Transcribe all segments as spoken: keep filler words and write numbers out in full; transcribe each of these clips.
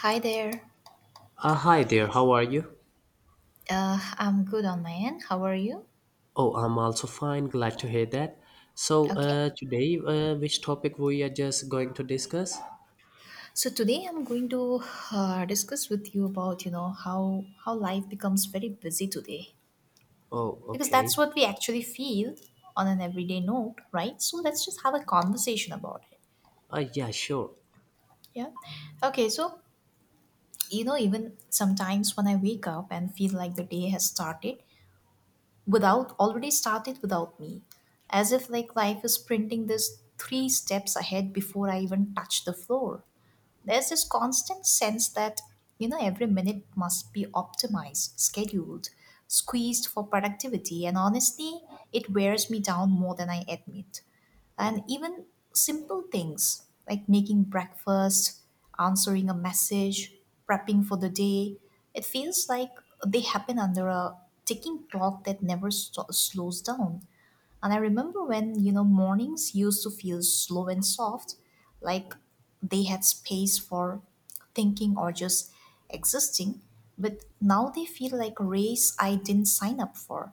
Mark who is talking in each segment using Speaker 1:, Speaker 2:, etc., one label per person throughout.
Speaker 1: Hi there.
Speaker 2: Uh, hi there, how are you?
Speaker 1: Uh, I'm good on my end. How are you?
Speaker 2: Oh, I'm also fine, glad to hear that. So,
Speaker 1: Okay.
Speaker 2: uh, today, uh, which topic we are just going to discuss?
Speaker 1: So today I'm going to uh, discuss with you about you know how how life becomes very busy today,
Speaker 2: Oh,
Speaker 1: because that's
Speaker 2: okay.
Speaker 1: what we actually feel on an everyday note, right? So let's just have a conversation about it.
Speaker 2: Uh, yeah, sure.
Speaker 1: Yeah. Okay. So you know, even sometimes when I wake up and feel like the day has started without already started without me, as if like life is printing this three steps ahead before I even touch the floor. There's this constant sense that, you know, every minute must be optimized, scheduled, squeezed for productivity, and honestly, it wears me down more than I admit. And even simple things like making breakfast, answering a message, prepping for the day, it feels like they happen under a ticking clock that never sto- slows down. And I remember when, you know, mornings used to feel slow and soft, like they had space for thinking or just existing. But now they feel like a race I didn't sign up for.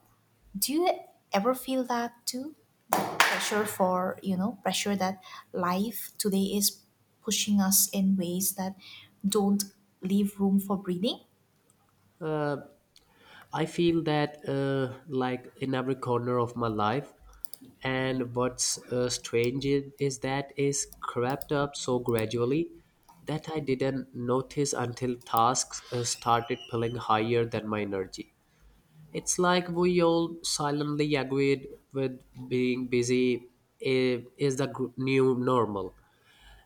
Speaker 1: Do you ever feel that too? Pressure for, you know, pressure that life today is pushing us in ways that don't leave room for breathing?
Speaker 2: Uh, I feel that, uh, like, in every corner of my life, and what's uh, strange is, is that is crept up so gradually that I didn't notice until tasks uh, started pulling higher than my energy. It's like we all silently agreed with being busy i- is the gr- new normal.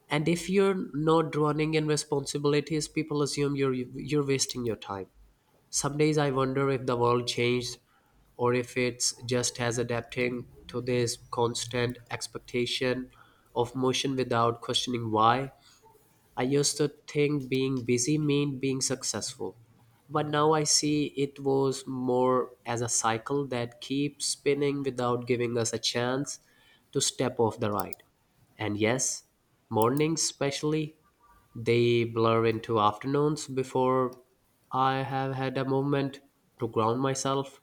Speaker 2: And if you're not drowning in responsibilities, people assume you're you're wasting your time. Some days I wonder if the world changed or if it's just as adapting to this constant expectation of motion without questioning why. I used to think being busy meant being successful, but now I see it was more as a cycle that keeps spinning without giving us a chance to step off the ride. And yes, mornings especially, they blur into afternoons before I have had a moment to ground myself.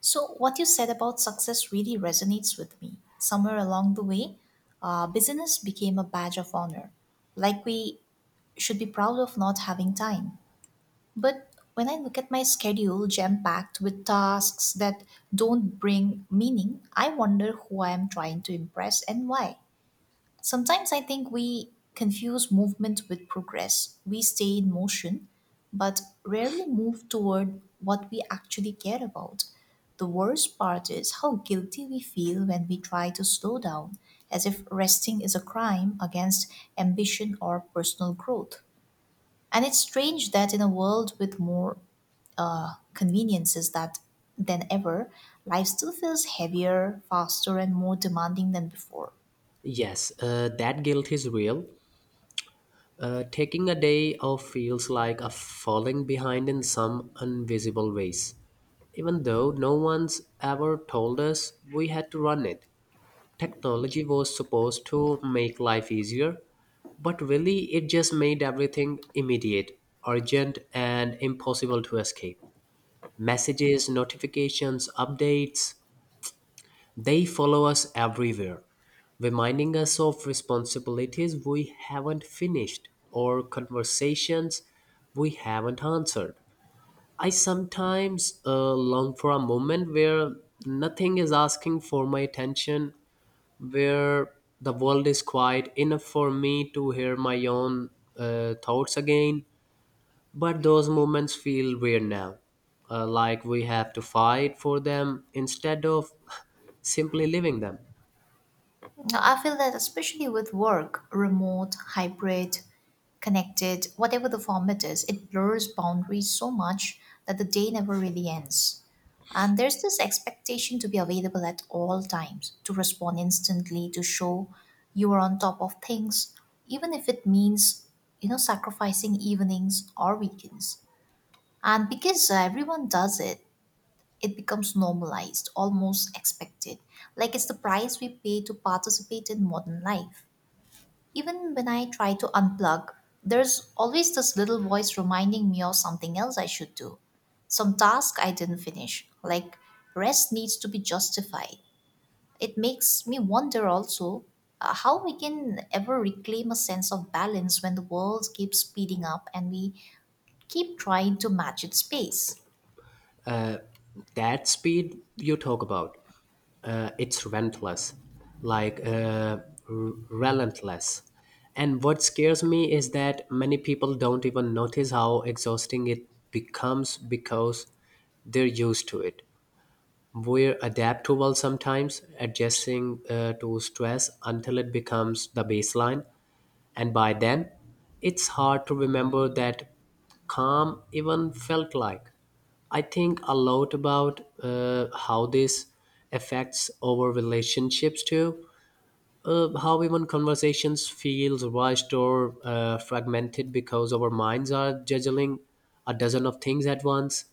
Speaker 1: So, what you said about success really resonates with me. Somewhere along the way, uh, business became a badge of honor. Like we should be proud of not having time. But when I look at my schedule jam packed with tasks that don't bring meaning, I wonder who I am trying to impress and why. Sometimes I think we confuse movement with progress. We stay in motion, but rarely move toward what we actually care about. The worst part is how guilty we feel when we try to slow down, as if resting is a crime against ambition or personal growth. And it's strange that in a world with more uh, conveniences that than ever, life still feels heavier, faster, and more demanding than before.
Speaker 2: Yes, uh, that guilt is real. Uh, taking a day off feels like a falling behind in some invisible ways. Even though no one's ever told us we had to run it, technology was supposed to make life easier, but really it just made everything immediate, urgent, and impossible to escape. Messages, notifications, updates, they follow us everywhere, reminding us of responsibilities we haven't finished or conversations we haven't answered. I sometimes uh, long for a moment where nothing is asking for my attention, where the world is quiet enough for me to hear my own uh, thoughts again. But those moments feel weird now, uh, like we have to fight for them instead of simply living them.
Speaker 1: Now, I feel that especially with work, remote, hybrid, connected, whatever the format is, it blurs boundaries so much that the day never really ends. And there's this expectation to be available at all times, to respond instantly, to show you are on top of things, even if it means, you know, sacrificing evenings or weekends. And because uh, everyone does it, it becomes normalized, almost expected. Like it's the price we pay to participate in modern life. Even when I try to unplug, there's always this little voice reminding me of something else I should do. Some task I didn't finish, like rest needs to be justified. It makes me wonder also uh, how we can ever reclaim a sense of balance when the world keeps speeding up and we keep trying to match its pace.
Speaker 2: That speed you talk about, uh, it's relentless, like uh, r- relentless. And what scares me is that many people don't even notice how exhausting it becomes because they're used to it. We're adaptable sometimes, adjusting uh, to stress until it becomes the baseline. And by then, it's hard to remember that calm even felt like. I think a lot about uh, how this affects our relationships too. Uh, how even conversations feels rushed or uh, fragmented because our minds are juggling a dozen of things at once.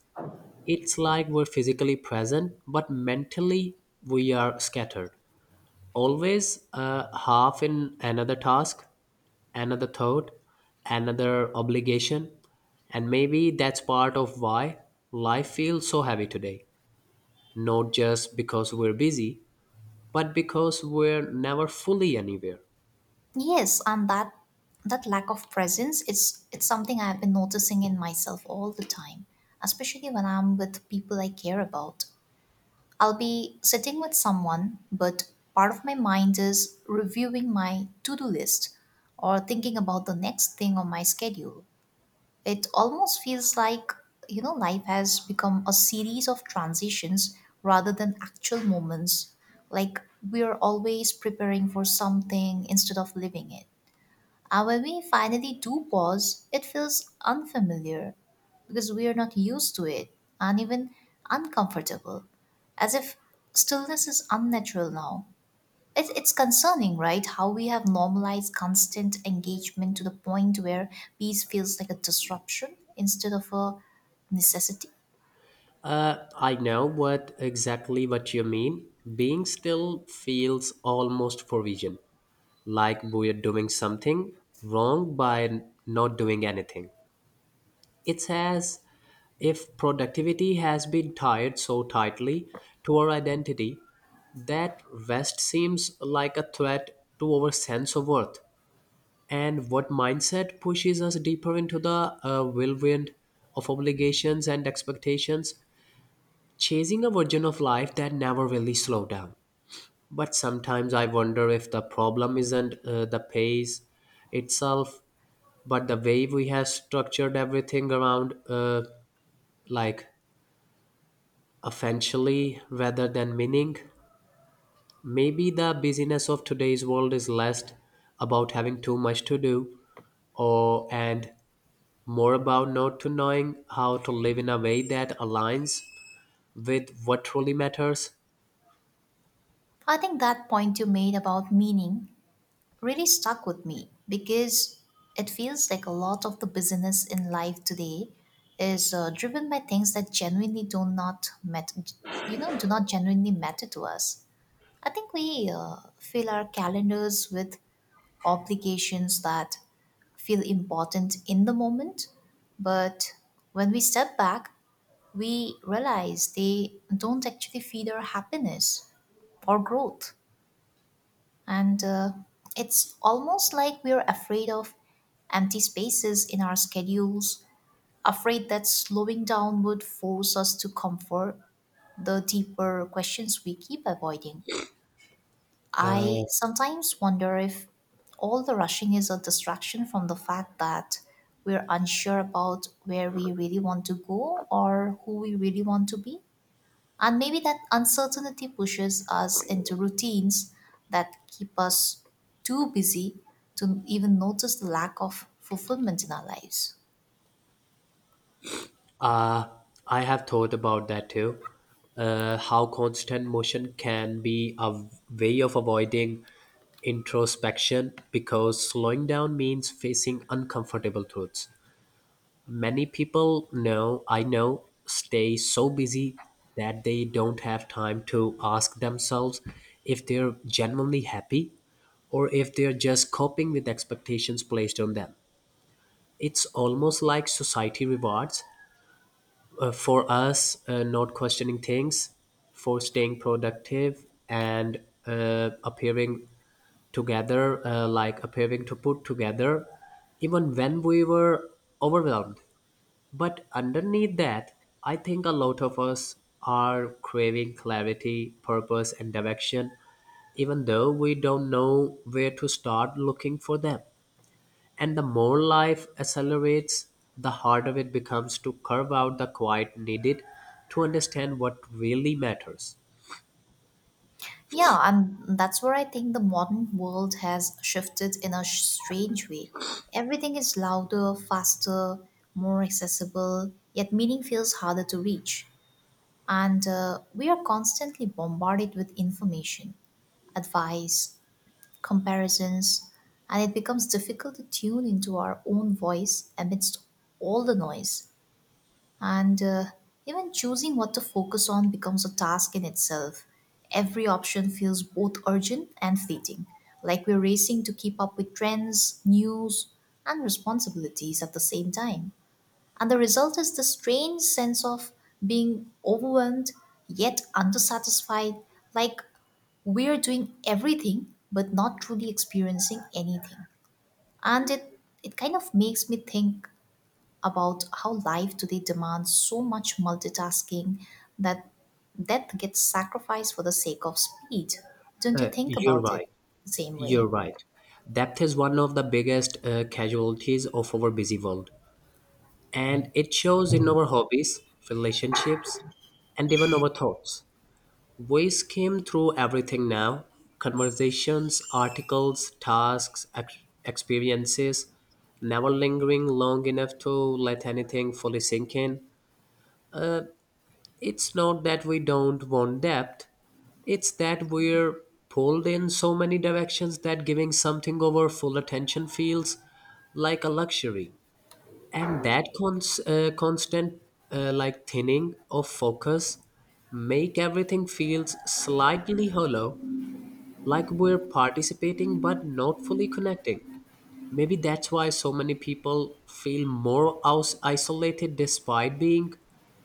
Speaker 2: It's like we're physically present, but mentally we are scattered always uh, half in another task, another thought, another obligation. And maybe that's part of why life feels so heavy today. Not just because we're busy, but because we're never fully anywhere.
Speaker 1: Yes, and that that lack of presence, it's it's something I've been noticing in myself all the time, especially when I'm with people I care about. I'll be sitting with someone, but part of my mind is reviewing my to do list or thinking about the next thing on my schedule. It almost feels like, you know, life has become a series of transitions rather than actual moments. Like we're always preparing for something instead of living it. And when we finally do pause, it feels unfamiliar because we are not used to it, and even uncomfortable, as if stillness is unnatural now. It, it's concerning, right? How we have normalized constant engagement to the point where peace feels like a disruption instead of a necessity.
Speaker 2: Uh, I know what exactly what you mean. Being still feels almost provision, like we're doing something wrong by n- not doing anything. It says if productivity has been tied so tightly to our identity, that rest seems like a threat to our sense of worth. And what mindset pushes us deeper into the uh, whirlwind of obligations and expectations, chasing a version of life that never really slowed down. But sometimes I wonder if the problem isn't uh, the pace itself, but the way we have structured everything around, uh, like eventually, rather than meaning. Maybe the busyness of today's world is less about having too much to do or and more about not to knowing how to live in a way that aligns with what truly matters.
Speaker 1: I think that point you made about meaning really stuck with me, because it feels like a lot of the business in life today is uh, driven by things that genuinely do not met, you know do not genuinely matter to us. I think we uh, fill our calendars with obligations that feel important in the moment, but when we step back, we realize they don't actually feed our happiness or growth. And uh, it's almost like we're afraid of empty spaces in our schedules, afraid that slowing down would force us to comfort the deeper questions we keep avoiding. I sometimes wonder if all the rushing is a distraction from the fact that we're unsure about where we really want to go or who we really want to be. And maybe that uncertainty pushes us into routines that keep us too busy to even notice the lack of fulfillment in our lives.
Speaker 2: Uh, I have thought about that too. Uh, how constant motion can be a way of avoiding introspection because slowing down means facing uncomfortable truths. Many people know I know stay so busy that they don't have time to ask themselves if they're genuinely happy or if they're just coping with expectations placed on them. It's almost like society rewards uh, for us uh, not questioning things, for staying productive and uh, appearing together, uh, like appearing to put together, even when we were overwhelmed. But underneath that, I think a lot of us are craving clarity, purpose, and direction, even though we don't know where to start looking for them. And the more life accelerates, the harder it becomes to carve out the quiet needed to understand what really matters.
Speaker 1: Yeah, and that's where I think the modern world has shifted in a sh- strange way. Everything is louder, faster, more accessible, yet meaning feels harder to reach. And uh, we are constantly bombarded with information, advice, comparisons, and it becomes difficult to tune into our own voice amidst all the noise. And uh, even choosing what to focus on becomes a task in itself. Every option feels both urgent and fleeting, like we're racing to keep up with trends, news, and responsibilities at the same time. And the result is this strange sense of being overwhelmed yet undersatisfied, like we're doing everything but not truly experiencing anything. And it, it kind of makes me think about how life today demands so much multitasking that that gets sacrificed for the sake of speed. Don't you
Speaker 2: Uh,
Speaker 1: think
Speaker 2: you're
Speaker 1: about it
Speaker 2: right.
Speaker 1: the same way?
Speaker 2: You're right. Depth is one of the biggest uh, casualties of our busy world, and it shows in our hobbies, relationships, and even our thoughts. We skim through everything now: conversations, articles, tasks, ex- experiences, never lingering long enough to let anything fully sink in. Uh, it's not that we don't want depth, it's that we're pulled in so many directions that giving something over full attention feels like a luxury, and that cons- uh, constant uh, like thinning of focus make everything feels slightly hollow, like we're participating but not fully connecting. Maybe that's why so many people feel more aus- isolated despite being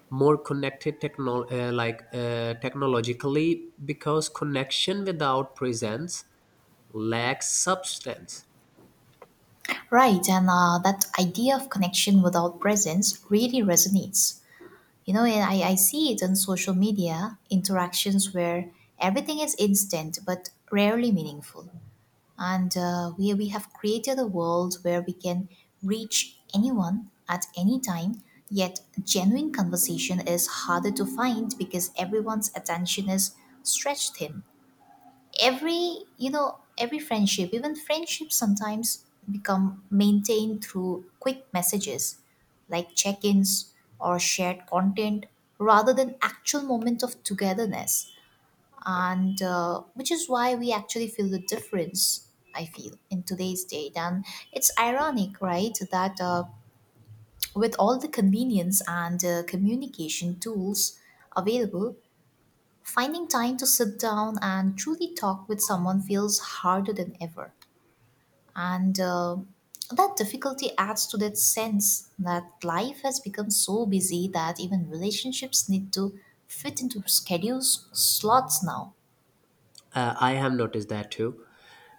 Speaker 2: more connected techno- uh, like uh, technologically, because connection without presence lacks substance.
Speaker 1: Right, and uh, that idea of connection without presence really resonates. You know, and I, I see it on social media interactions where everything is instant but rarely meaningful. And uh, we, we have created a world where we can reach anyone at any time, yet genuine conversation is harder to find because everyone's attention is stretched thin. Every you know every friendship, even friendships sometimes become maintained through quick messages, like check-ins or shared content, rather than actual moment of togetherness. And uh, which is why we actually feel the difference I feel in today's date. And it's ironic, right, that uh, with all the convenience and uh, communication tools available, finding time to sit down and truly talk with someone feels harder than ever. And uh, that difficulty adds to that sense that life has become so busy that even relationships need to fit into schedules, slots now.
Speaker 2: Uh, I have noticed that too.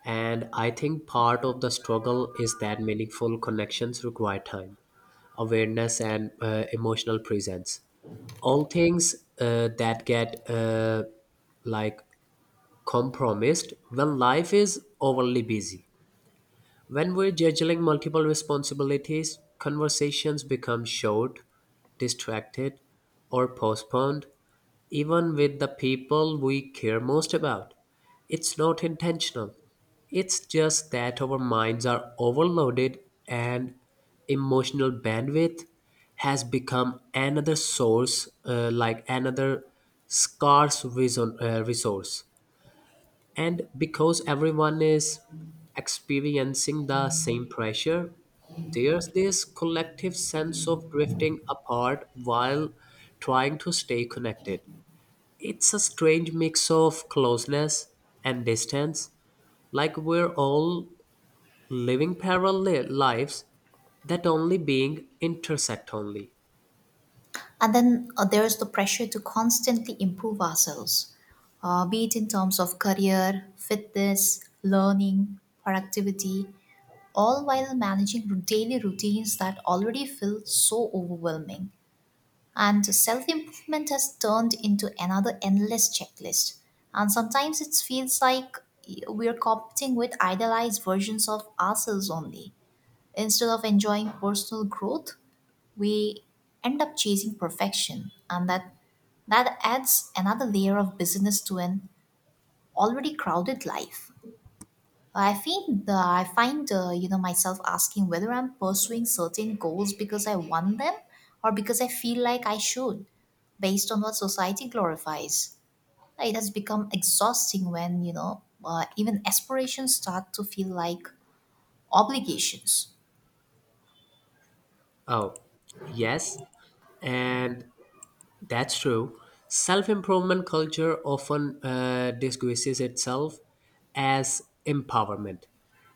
Speaker 2: And I think part of the struggle is that meaningful connections require time, awareness, and uh, emotional presence. All things uh, that get uh, like compromised when life is overly busy. When we're juggling multiple responsibilities, conversations become short, distracted, or postponed, even with the people we care most about. It's not intentional, it's just that our minds are overloaded and emotional bandwidth has become another source, uh, like another scarce reason, uh, resource. And because everyone is experiencing the same pressure, there's this collective sense of drifting apart while trying to stay connected. It's a strange mix of closeness and distance, like we're all living parallel lives that only being intersect only.
Speaker 1: And then uh, there's the pressure to constantly improve ourselves, uh, be it in terms of career, fitness, learning, productivity, all while managing daily routines that already feel so overwhelming. And self improvement has turned into another endless checklist. And sometimes it feels like we're competing with idealized versions of ourselves only. Instead of enjoying personal growth, we end up chasing perfection. And that, that adds another layer of busyness to an already crowded life. I think the, I find uh, you know myself asking whether I'm pursuing certain goals because I want them or because I feel like I should, based on what society glorifies. Like, it has become exhausting when you know uh, even aspirations start to feel like obligations.
Speaker 2: Oh, yes. And that's true. Self improvement culture often uh, disguises itself as empowerment,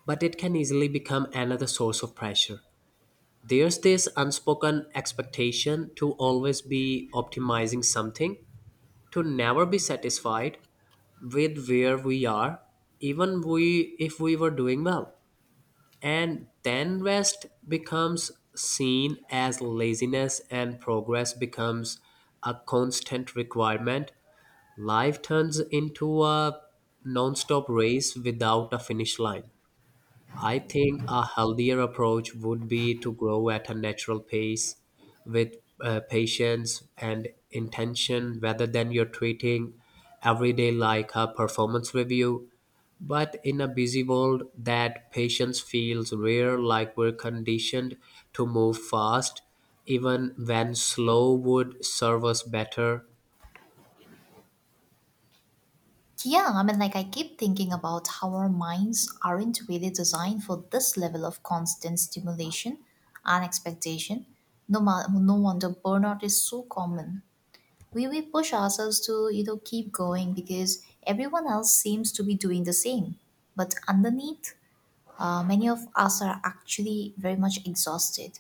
Speaker 2: but it can easily become another source of pressure. There's this unspoken expectation to always be optimizing something, to never be satisfied with where we are, even we, if we were doing well. And then rest becomes seen as laziness and progress becomes a constant requirement. Life turns into a non-stop race without a finish line. I think a healthier approach would be to grow at a natural pace with uh, patience and intention rather than you're treating every day like a performance review, but in a busy world, that patience feels rare, like we're conditioned to move fast, even when slow would serve us better.
Speaker 1: Yeah, I mean, like I keep thinking about how our minds aren't really designed for this level of constant stimulation and expectation. No, ma- no wonder burnout is so common. We, we push ourselves to you know keep going because everyone else seems to be doing the same, but underneath, uh, many of us are actually very much exhausted.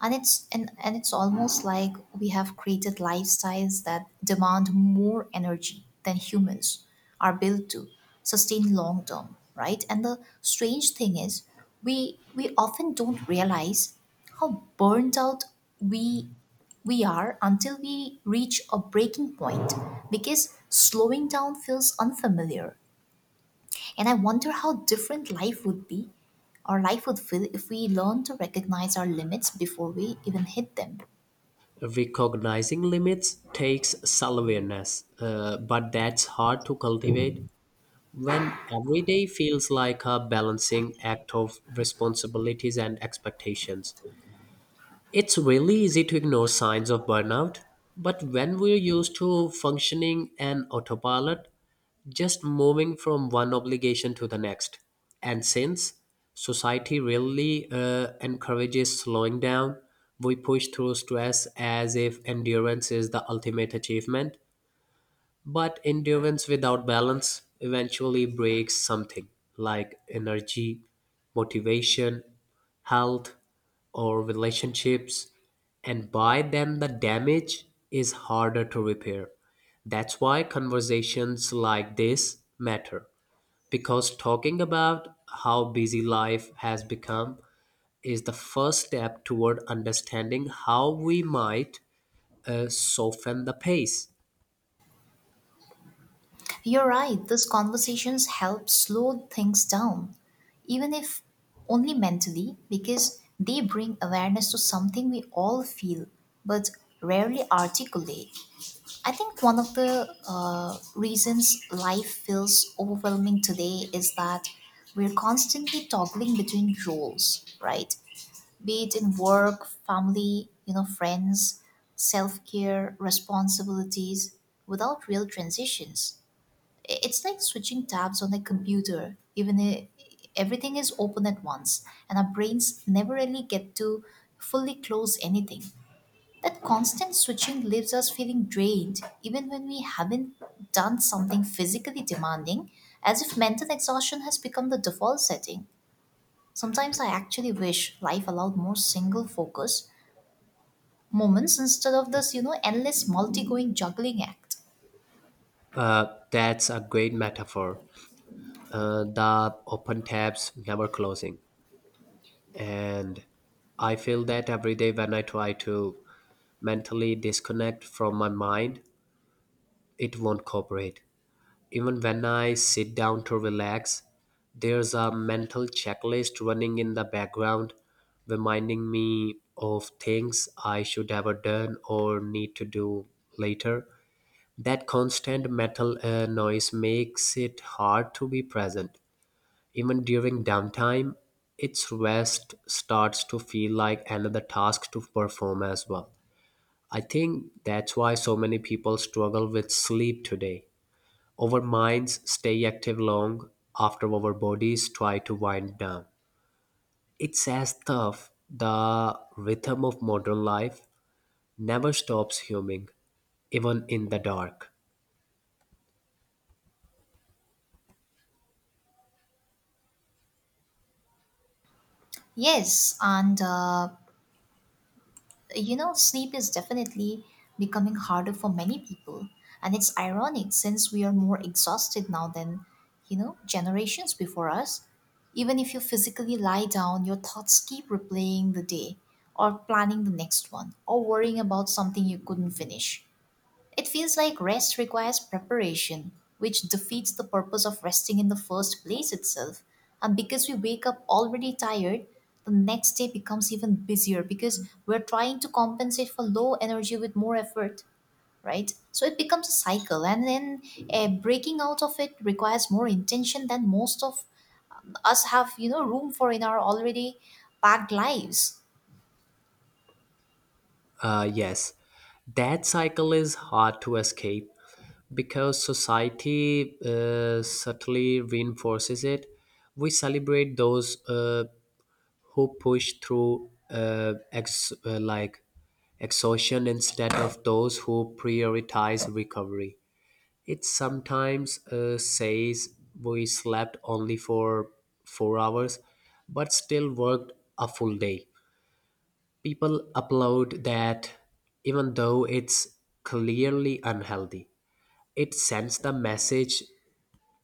Speaker 1: And it's and, and it's almost like we have created lifestyles that demand more energy than humans are built to sustain long term, right? And the strange thing is, we we often don't realize how burned out we we are until we reach a breaking point, because slowing down feels unfamiliar. And I wonder how different life would be, or life would feel, if we learn to recognize our limits before we even hit them.
Speaker 2: Recognizing limits takes self awareness, uh, but that's hard to cultivate when every day feels like a balancing act of responsibilities and expectations. It's really easy to ignore signs of burnout, but when we're used to functioning an autopilot, just moving from one obligation to the next. And since society really uh, encourages slowing down, we push through stress as if endurance is the ultimate achievement. But endurance without balance eventually breaks something like energy, motivation, health, or relationships. And by then, the damage is harder to repair. That's why conversations like this matter, because talking about how busy life has become is the first step toward understanding how we might uh, soften the pace.
Speaker 1: You're right. Those conversations help slow things down, even if only mentally, because they bring awareness to something we all feel but rarely articulate. I think one of the uh, reasons life feels overwhelming today is that we're constantly toggling between roles, right? Be it in work, family, you know, friends, self care, responsibilities, without real transitions. I- It's like switching tabs on a computer, even if everything is open at once, and our brains never really get to fully close anything. That constant switching leaves us feeling drained, even when we haven't done something physically demanding, as if mental exhaustion has become the default setting. Sometimes I actually wish life allowed more single focus moments instead of this you know endless multi-going juggling act.
Speaker 2: Uh, that's a great metaphor. Uh, the open tabs never closing. And I feel that every day when I try to mentally disconnect from my mind, it won't cooperate. Even when I sit down to relax, there's a mental checklist running in the background, reminding me of things I should have done or need to do later. That constant metal uh, noise makes it hard to be present. Even during downtime, its rest starts to feel like another task to perform as well. I think that's why so many people struggle with sleep today. Our minds stay active long after our bodies try to wind down. It's as tough the rhythm of modern life never stops humming, even in the dark.
Speaker 1: Yes, and uh, you know sleep is definitely becoming harder for many people, and it's ironic since we are more exhausted now than you know generations before us. Even if you physically lie down, your thoughts keep replaying the day or planning the next one or worrying about something you couldn't finish. It feels like rest requires preparation, which defeats the purpose of resting in the first place itself. And because we wake up already tired, the next day becomes even busier because we're trying to compensate for low energy with more effort, right? So it becomes a cycle, and then uh, breaking out of it requires more intention than most of us have, you know, room for in our already packed lives.
Speaker 2: Uh, yes, that cycle is hard to escape because society uh, subtly reinforces it. We celebrate those uh, who push through uh, ex- uh, like exhaustion instead of those who prioritize recovery. It sometimes uh, says we slept only for four hours, but still worked a full day. People applaud that even though it's clearly unhealthy. It sends the message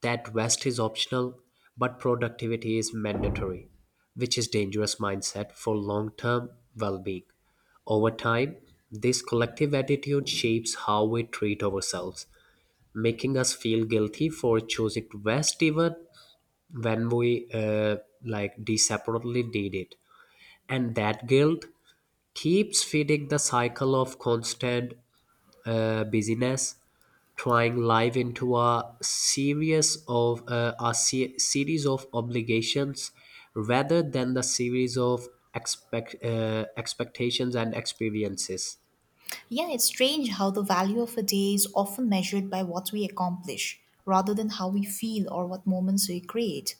Speaker 2: that rest is optional but productivity is mandatory, which is dangerous mindset for long-term well-being. Over time, this collective attitude shapes how we treat ourselves, making us feel guilty for choosing rest even when we uh, like desperately need it. And that guilt keeps feeding the cycle of constant uh, busyness, trying life into a series of uh, a se- series of obligations rather than the series of expect uh, expectations and experiences.
Speaker 1: Yeah, it's strange how the value of a day is often measured by what we accomplish rather than how we feel or what moments we create.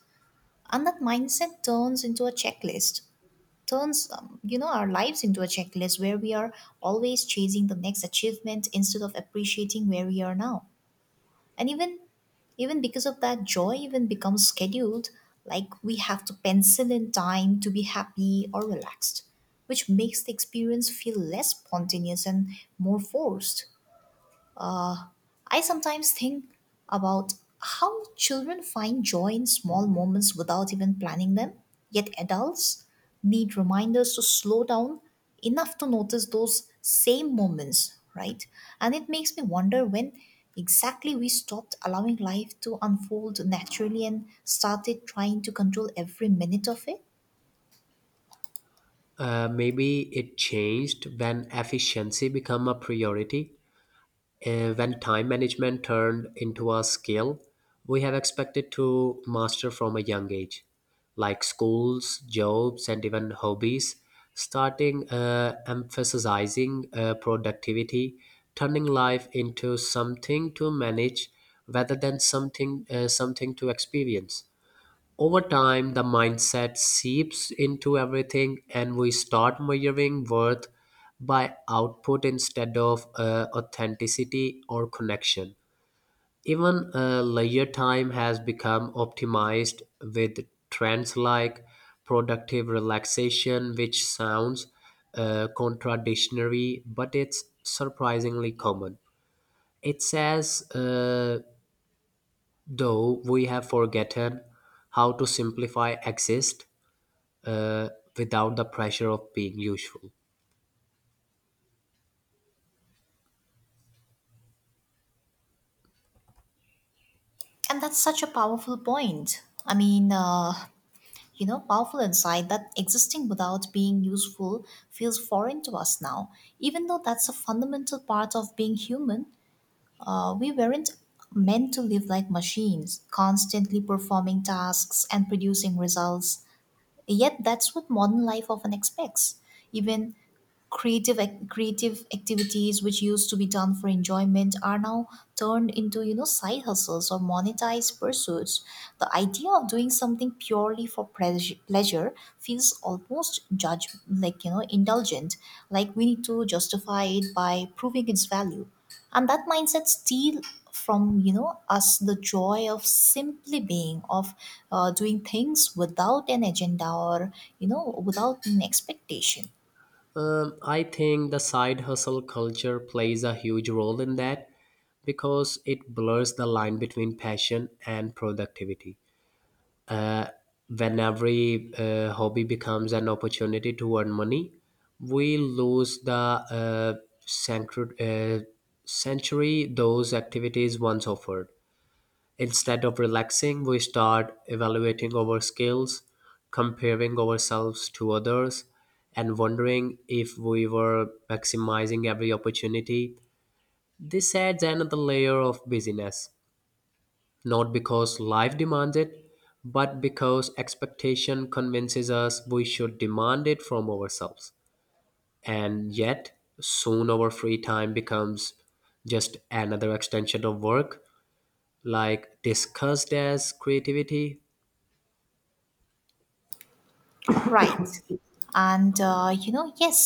Speaker 1: And that mindset turns into a checklist, turns, um, you know, our lives into a checklist where we are always chasing the next achievement instead of appreciating where we are now. And even even because of that, joy even becomes scheduled, like we have to pencil in time to be happy or relaxed, which makes the experience feel less spontaneous and more forced. I sometimes think about how children find joy in small moments without even planning them, yet adults need reminders to slow down enough to notice those same moments, right? And it makes me wonder when exactly we stopped allowing life to unfold naturally and started trying to control every minute of it.
Speaker 2: Uh, maybe it changed when efficiency became a priority. Uh, when time management turned into a skill we have expected to master from a young age, like schools, jobs, and even hobbies, starting uh, emphasizing uh, productivity, turning life into something to manage rather than something uh, something to experience. Over time, the mindset seeps into everything, and we start measuring worth by output instead of uh, authenticity or connection. Even uh, leisure time has become optimized with trends like productive relaxation, which sounds uh, contradictory, but it's surprisingly common. It says, uh, though, we have forgotten how to simplify exist uh, without the pressure of being useful.
Speaker 1: And that's such a powerful point. I mean, uh, you know, powerful insight that existing without being useful feels foreign to us now. Even though that's a fundamental part of being human, uh, we weren't meant to live like machines, constantly performing tasks and producing results. Yet that's what modern life often expects. Even creative ac- creative activities, which used to be done for enjoyment, are now turned into, you know side hustles or monetized pursuits. The idea of doing something purely for pleasure pleasure feels almost judge, like, you know indulgent, like we need to justify it by proving its value. And that mindset steal from, you know us the joy of simply being, of uh, doing things without an agenda or, you know without an expectation.
Speaker 2: Um, I think the side hustle culture plays a huge role in that because it blurs the line between passion and productivity. Uh, when every uh, hobby becomes an opportunity to earn money, we lose the uh, centru- uh, century those activities once offered. Instead of relaxing, we start evaluating our skills, comparing ourselves to others, and wondering if we were maximizing every opportunity. This adds another layer of busyness, not because life demands it, but because expectation convinces us we should demand it from ourselves. And yet, soon our free time becomes just another extension of work, like discussed as creativity.
Speaker 1: Right. And uh, you know, yes,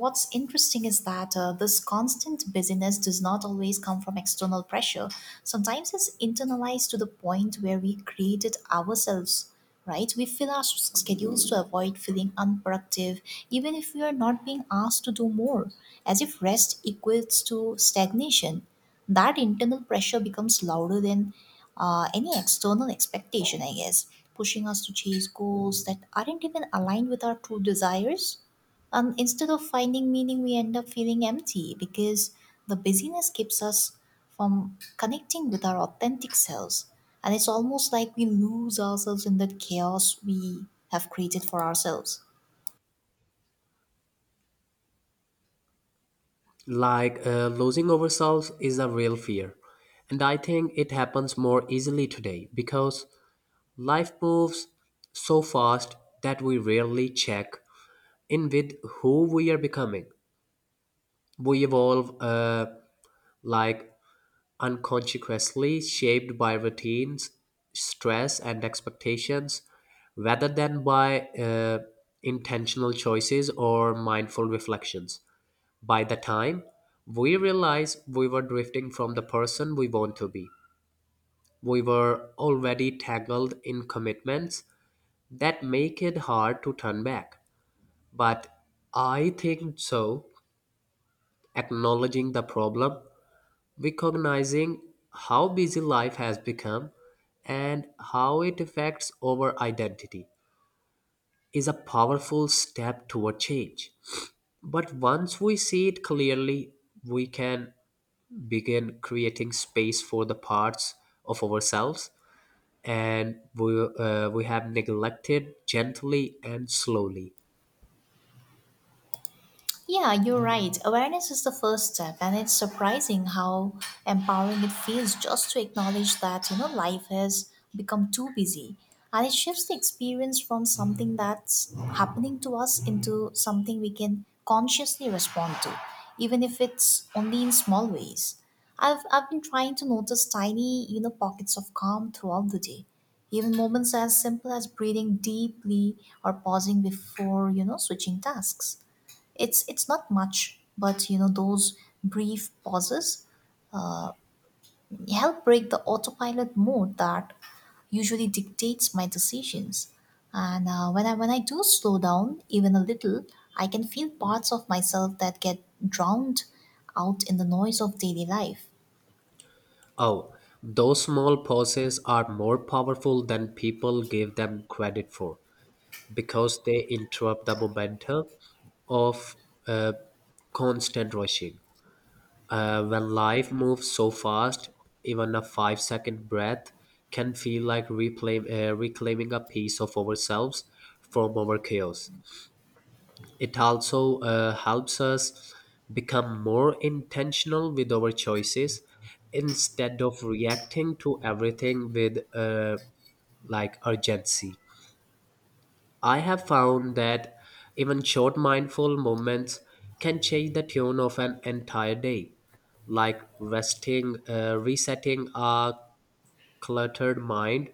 Speaker 1: what's interesting is that uh, this constant busyness does not always come from external pressure. Sometimes it's internalized to the point where we create it ourselves, right? We fill our s- schedules to avoid feeling unproductive, even if we are not being asked to do more, as if rest equates to stagnation. That internal pressure becomes louder than uh, any external expectation, I guess, pushing us to chase goals that aren't even aligned with our true desires. And instead of finding meaning, we end up feeling empty because the busyness keeps us from connecting with our authentic selves. And it's almost like we lose ourselves in that chaos we have created for ourselves.
Speaker 2: Like uh, losing ourselves is a real fear. And I think it happens more easily today because life moves so fast that we rarely check in with who we are becoming. We evolve uh, like unconsciously shaped by routines, stress, and expectations rather than by uh, intentional choices or mindful reflections. By the time we realized we were drifting from the person we want to be, we were already tangled in commitments that make it hard to turn back. But I think so, acknowledging the problem, recognizing how busy life has become, and how it affects our identity is a powerful step toward change. But once we see it clearly, we can began creating space for the parts of ourselves and we, uh, we have neglected gently and slowly.
Speaker 1: Yeah, you're right. Awareness is the first step, and it's surprising how empowering it feels just to acknowledge that, you know, life has become too busy. And it shifts the experience from something that's happening to us into something we can consciously respond to, even if it's only in small ways. I've, I've been trying to notice tiny, you know, pockets of calm throughout the day. Even moments as simple as breathing deeply or pausing before, you know, switching tasks. It's it's not much, but you know those brief pauses help break the autopilot mode that usually dictates my decisions. And uh, when I when I do slow down even a little, I can feel parts of myself that get drowned out in the noise of daily life.
Speaker 2: Oh, those small pauses are more powerful than people give them credit for because they interrupt the momentum of uh, constant rushing. Uh, when life moves so fast, even a five second breath can feel like reclaim, uh, reclaiming a piece of ourselves from our chaos. It also uh, helps us become more intentional with our choices instead of reacting to everything with uh, like urgency. I have found that even short mindful moments can change the tune of an entire day, like resting, uh, resetting a cluttered mind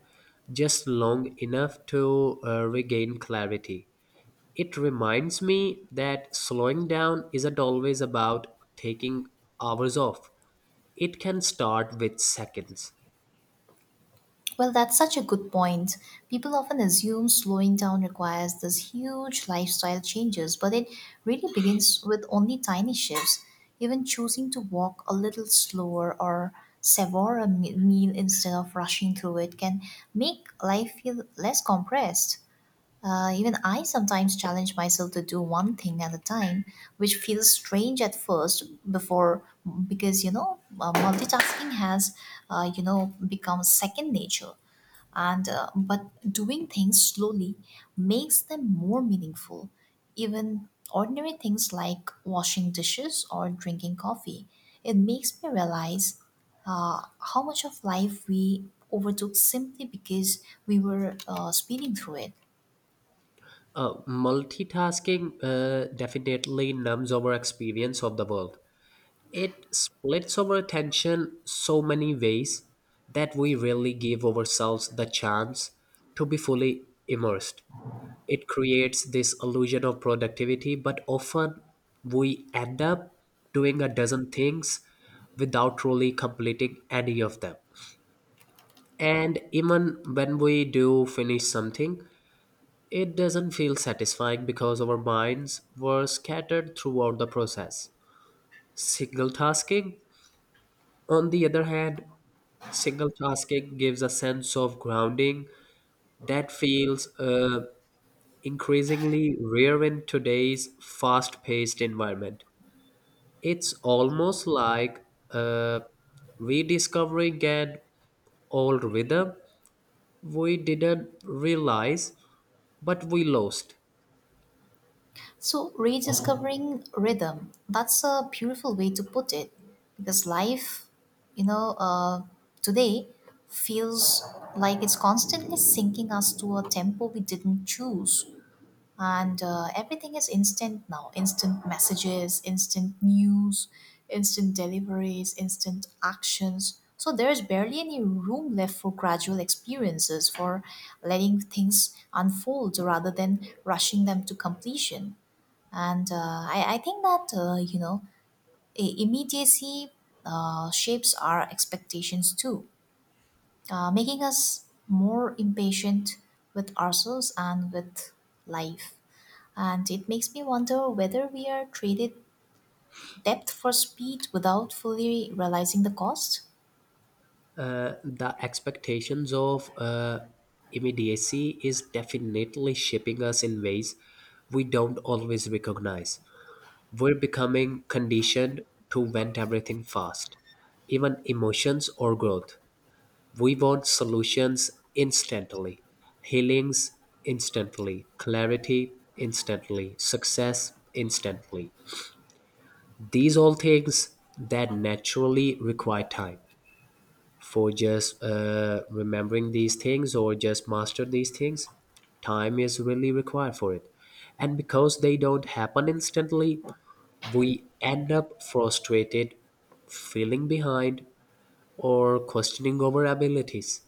Speaker 2: just long enough to uh, regain clarity. It reminds me that slowing down isn't always about taking hours off. It can start with seconds.
Speaker 1: Well, that's such a good point. People often assume slowing down requires these huge lifestyle changes, but it really begins with only tiny shifts. Even choosing to walk a little slower or savor a me- meal instead of rushing through it can make life feel less compressed. Uh, even I sometimes challenge myself to do one thing at a time, which feels strange at first, before because you know uh, multitasking has, uh, you know become second nature. And uh, but doing things slowly makes them more meaningful, even ordinary things like washing dishes or drinking coffee. It makes me realize uh, how much of life we overtook simply because we were uh, speeding through it.
Speaker 2: Uh, multitasking uh, definitely numbs our experience of the world. It splits our attention so many ways that we rarely give ourselves the chance to be fully immersed. It creates this illusion of productivity, but often we end up doing a dozen things without truly completing any of them. And even when we do finish something, it doesn't feel satisfying because our minds were scattered throughout the process. Single tasking, on the other hand, Single tasking gives a sense of grounding that feels uh, increasingly rare in today's fast paced environment. It's almost like uh, rediscovering an old rhythm we didn't realize, but we lost.
Speaker 1: So, rediscovering rhythm, that's a beautiful way to put it, because life, you know, uh, today feels like it's constantly sinking us to a tempo we didn't choose. And uh, everything is instant now: instant messages, instant news, instant deliveries, instant actions. So, there's barely any room left for gradual experiences, for letting things unfold rather than rushing them to completion. And uh, I, I think that, uh, you know, i- immediacy uh, shapes our expectations too, uh, making us more impatient with ourselves and with life. And it makes me wonder whether we are traded depth for speed without fully realizing the cost.
Speaker 2: Uh, the expectations of uh, immediacy is definitely shaping us in ways we don't always recognize. We're becoming conditioned to want everything fast, even emotions or growth. We want solutions instantly, healings instantly, clarity instantly, success instantly. These all things that naturally require time. For just uh, remembering these things or just master these things, time is really required for it. And because they don't happen instantly, we end up frustrated, feeling behind, or questioning our abilities.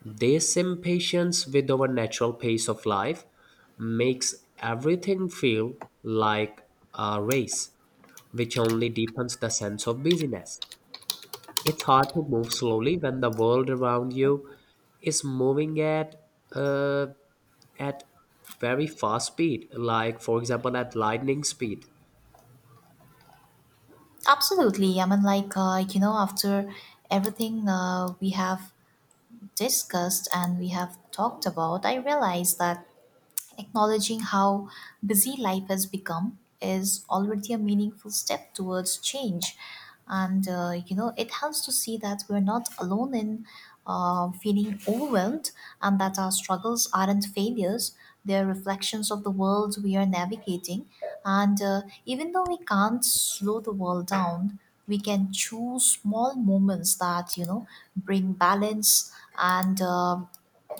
Speaker 2: This impatience with our natural pace of life makes everything feel like a race, which only deepens the sense of busyness. It's hard to move slowly when the world around you is moving at uh, at very fast speed, like for example at lightning speed.
Speaker 1: Absolutely. I mean, like, uh, you know, after everything uh, we have discussed and we have talked about, I realize that acknowledging how busy life has become is already a meaningful step towards change. And, uh, you know, it helps to see that we're not alone in uh, feeling overwhelmed, and that our struggles aren't failures. They're reflections of the world we are navigating. And uh, even though we can't slow the world down, we can choose small moments that, you know, bring balance and uh,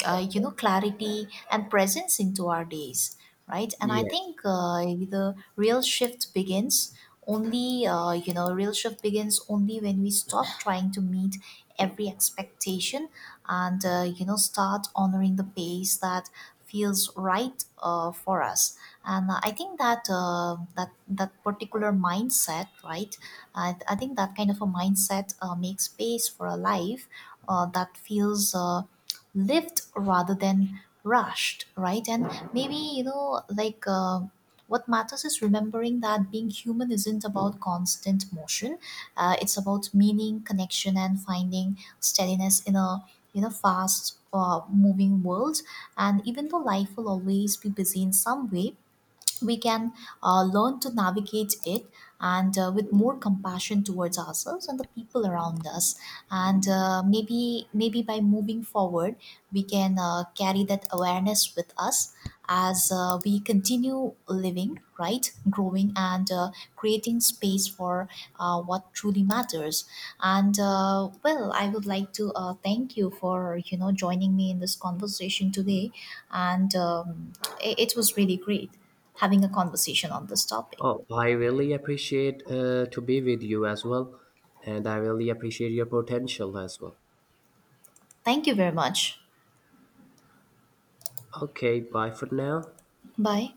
Speaker 1: uh, you know clarity and presence into our days, right? And I
Speaker 2: Yeah.
Speaker 1: think uh, the real shift begins only, uh, you know real shift begins only when we stop trying to meet every expectation and, uh, you know start honoring the pace that feels right uh, for us. And I think that, uh, that that particular mindset, right, I, I think that kind of a mindset uh, makes space for a life uh, that feels uh, lived rather than rushed, right? And maybe, you know like uh, what matters is remembering that being human isn't about constant motion. Uh, it's about meaning, connection, and finding steadiness in a, in a fast uh, moving world. And even though life will always be busy in some way, we can uh, learn to navigate it, and uh, with more compassion towards ourselves and the people around us. And uh, maybe maybe by moving forward, we can uh, carry that awareness with us as uh, we continue living, right, growing, and uh, creating space for uh, what truly matters. And uh, well, I would like to uh, thank you for you know joining me in this conversation today, and um, it, it was really great having a conversation on this topic.
Speaker 2: Oh, I really appreciate uh, to be with you as well, and I really appreciate your potential as well.
Speaker 1: Thank you very much.
Speaker 2: Okay, bye for now.
Speaker 1: Bye.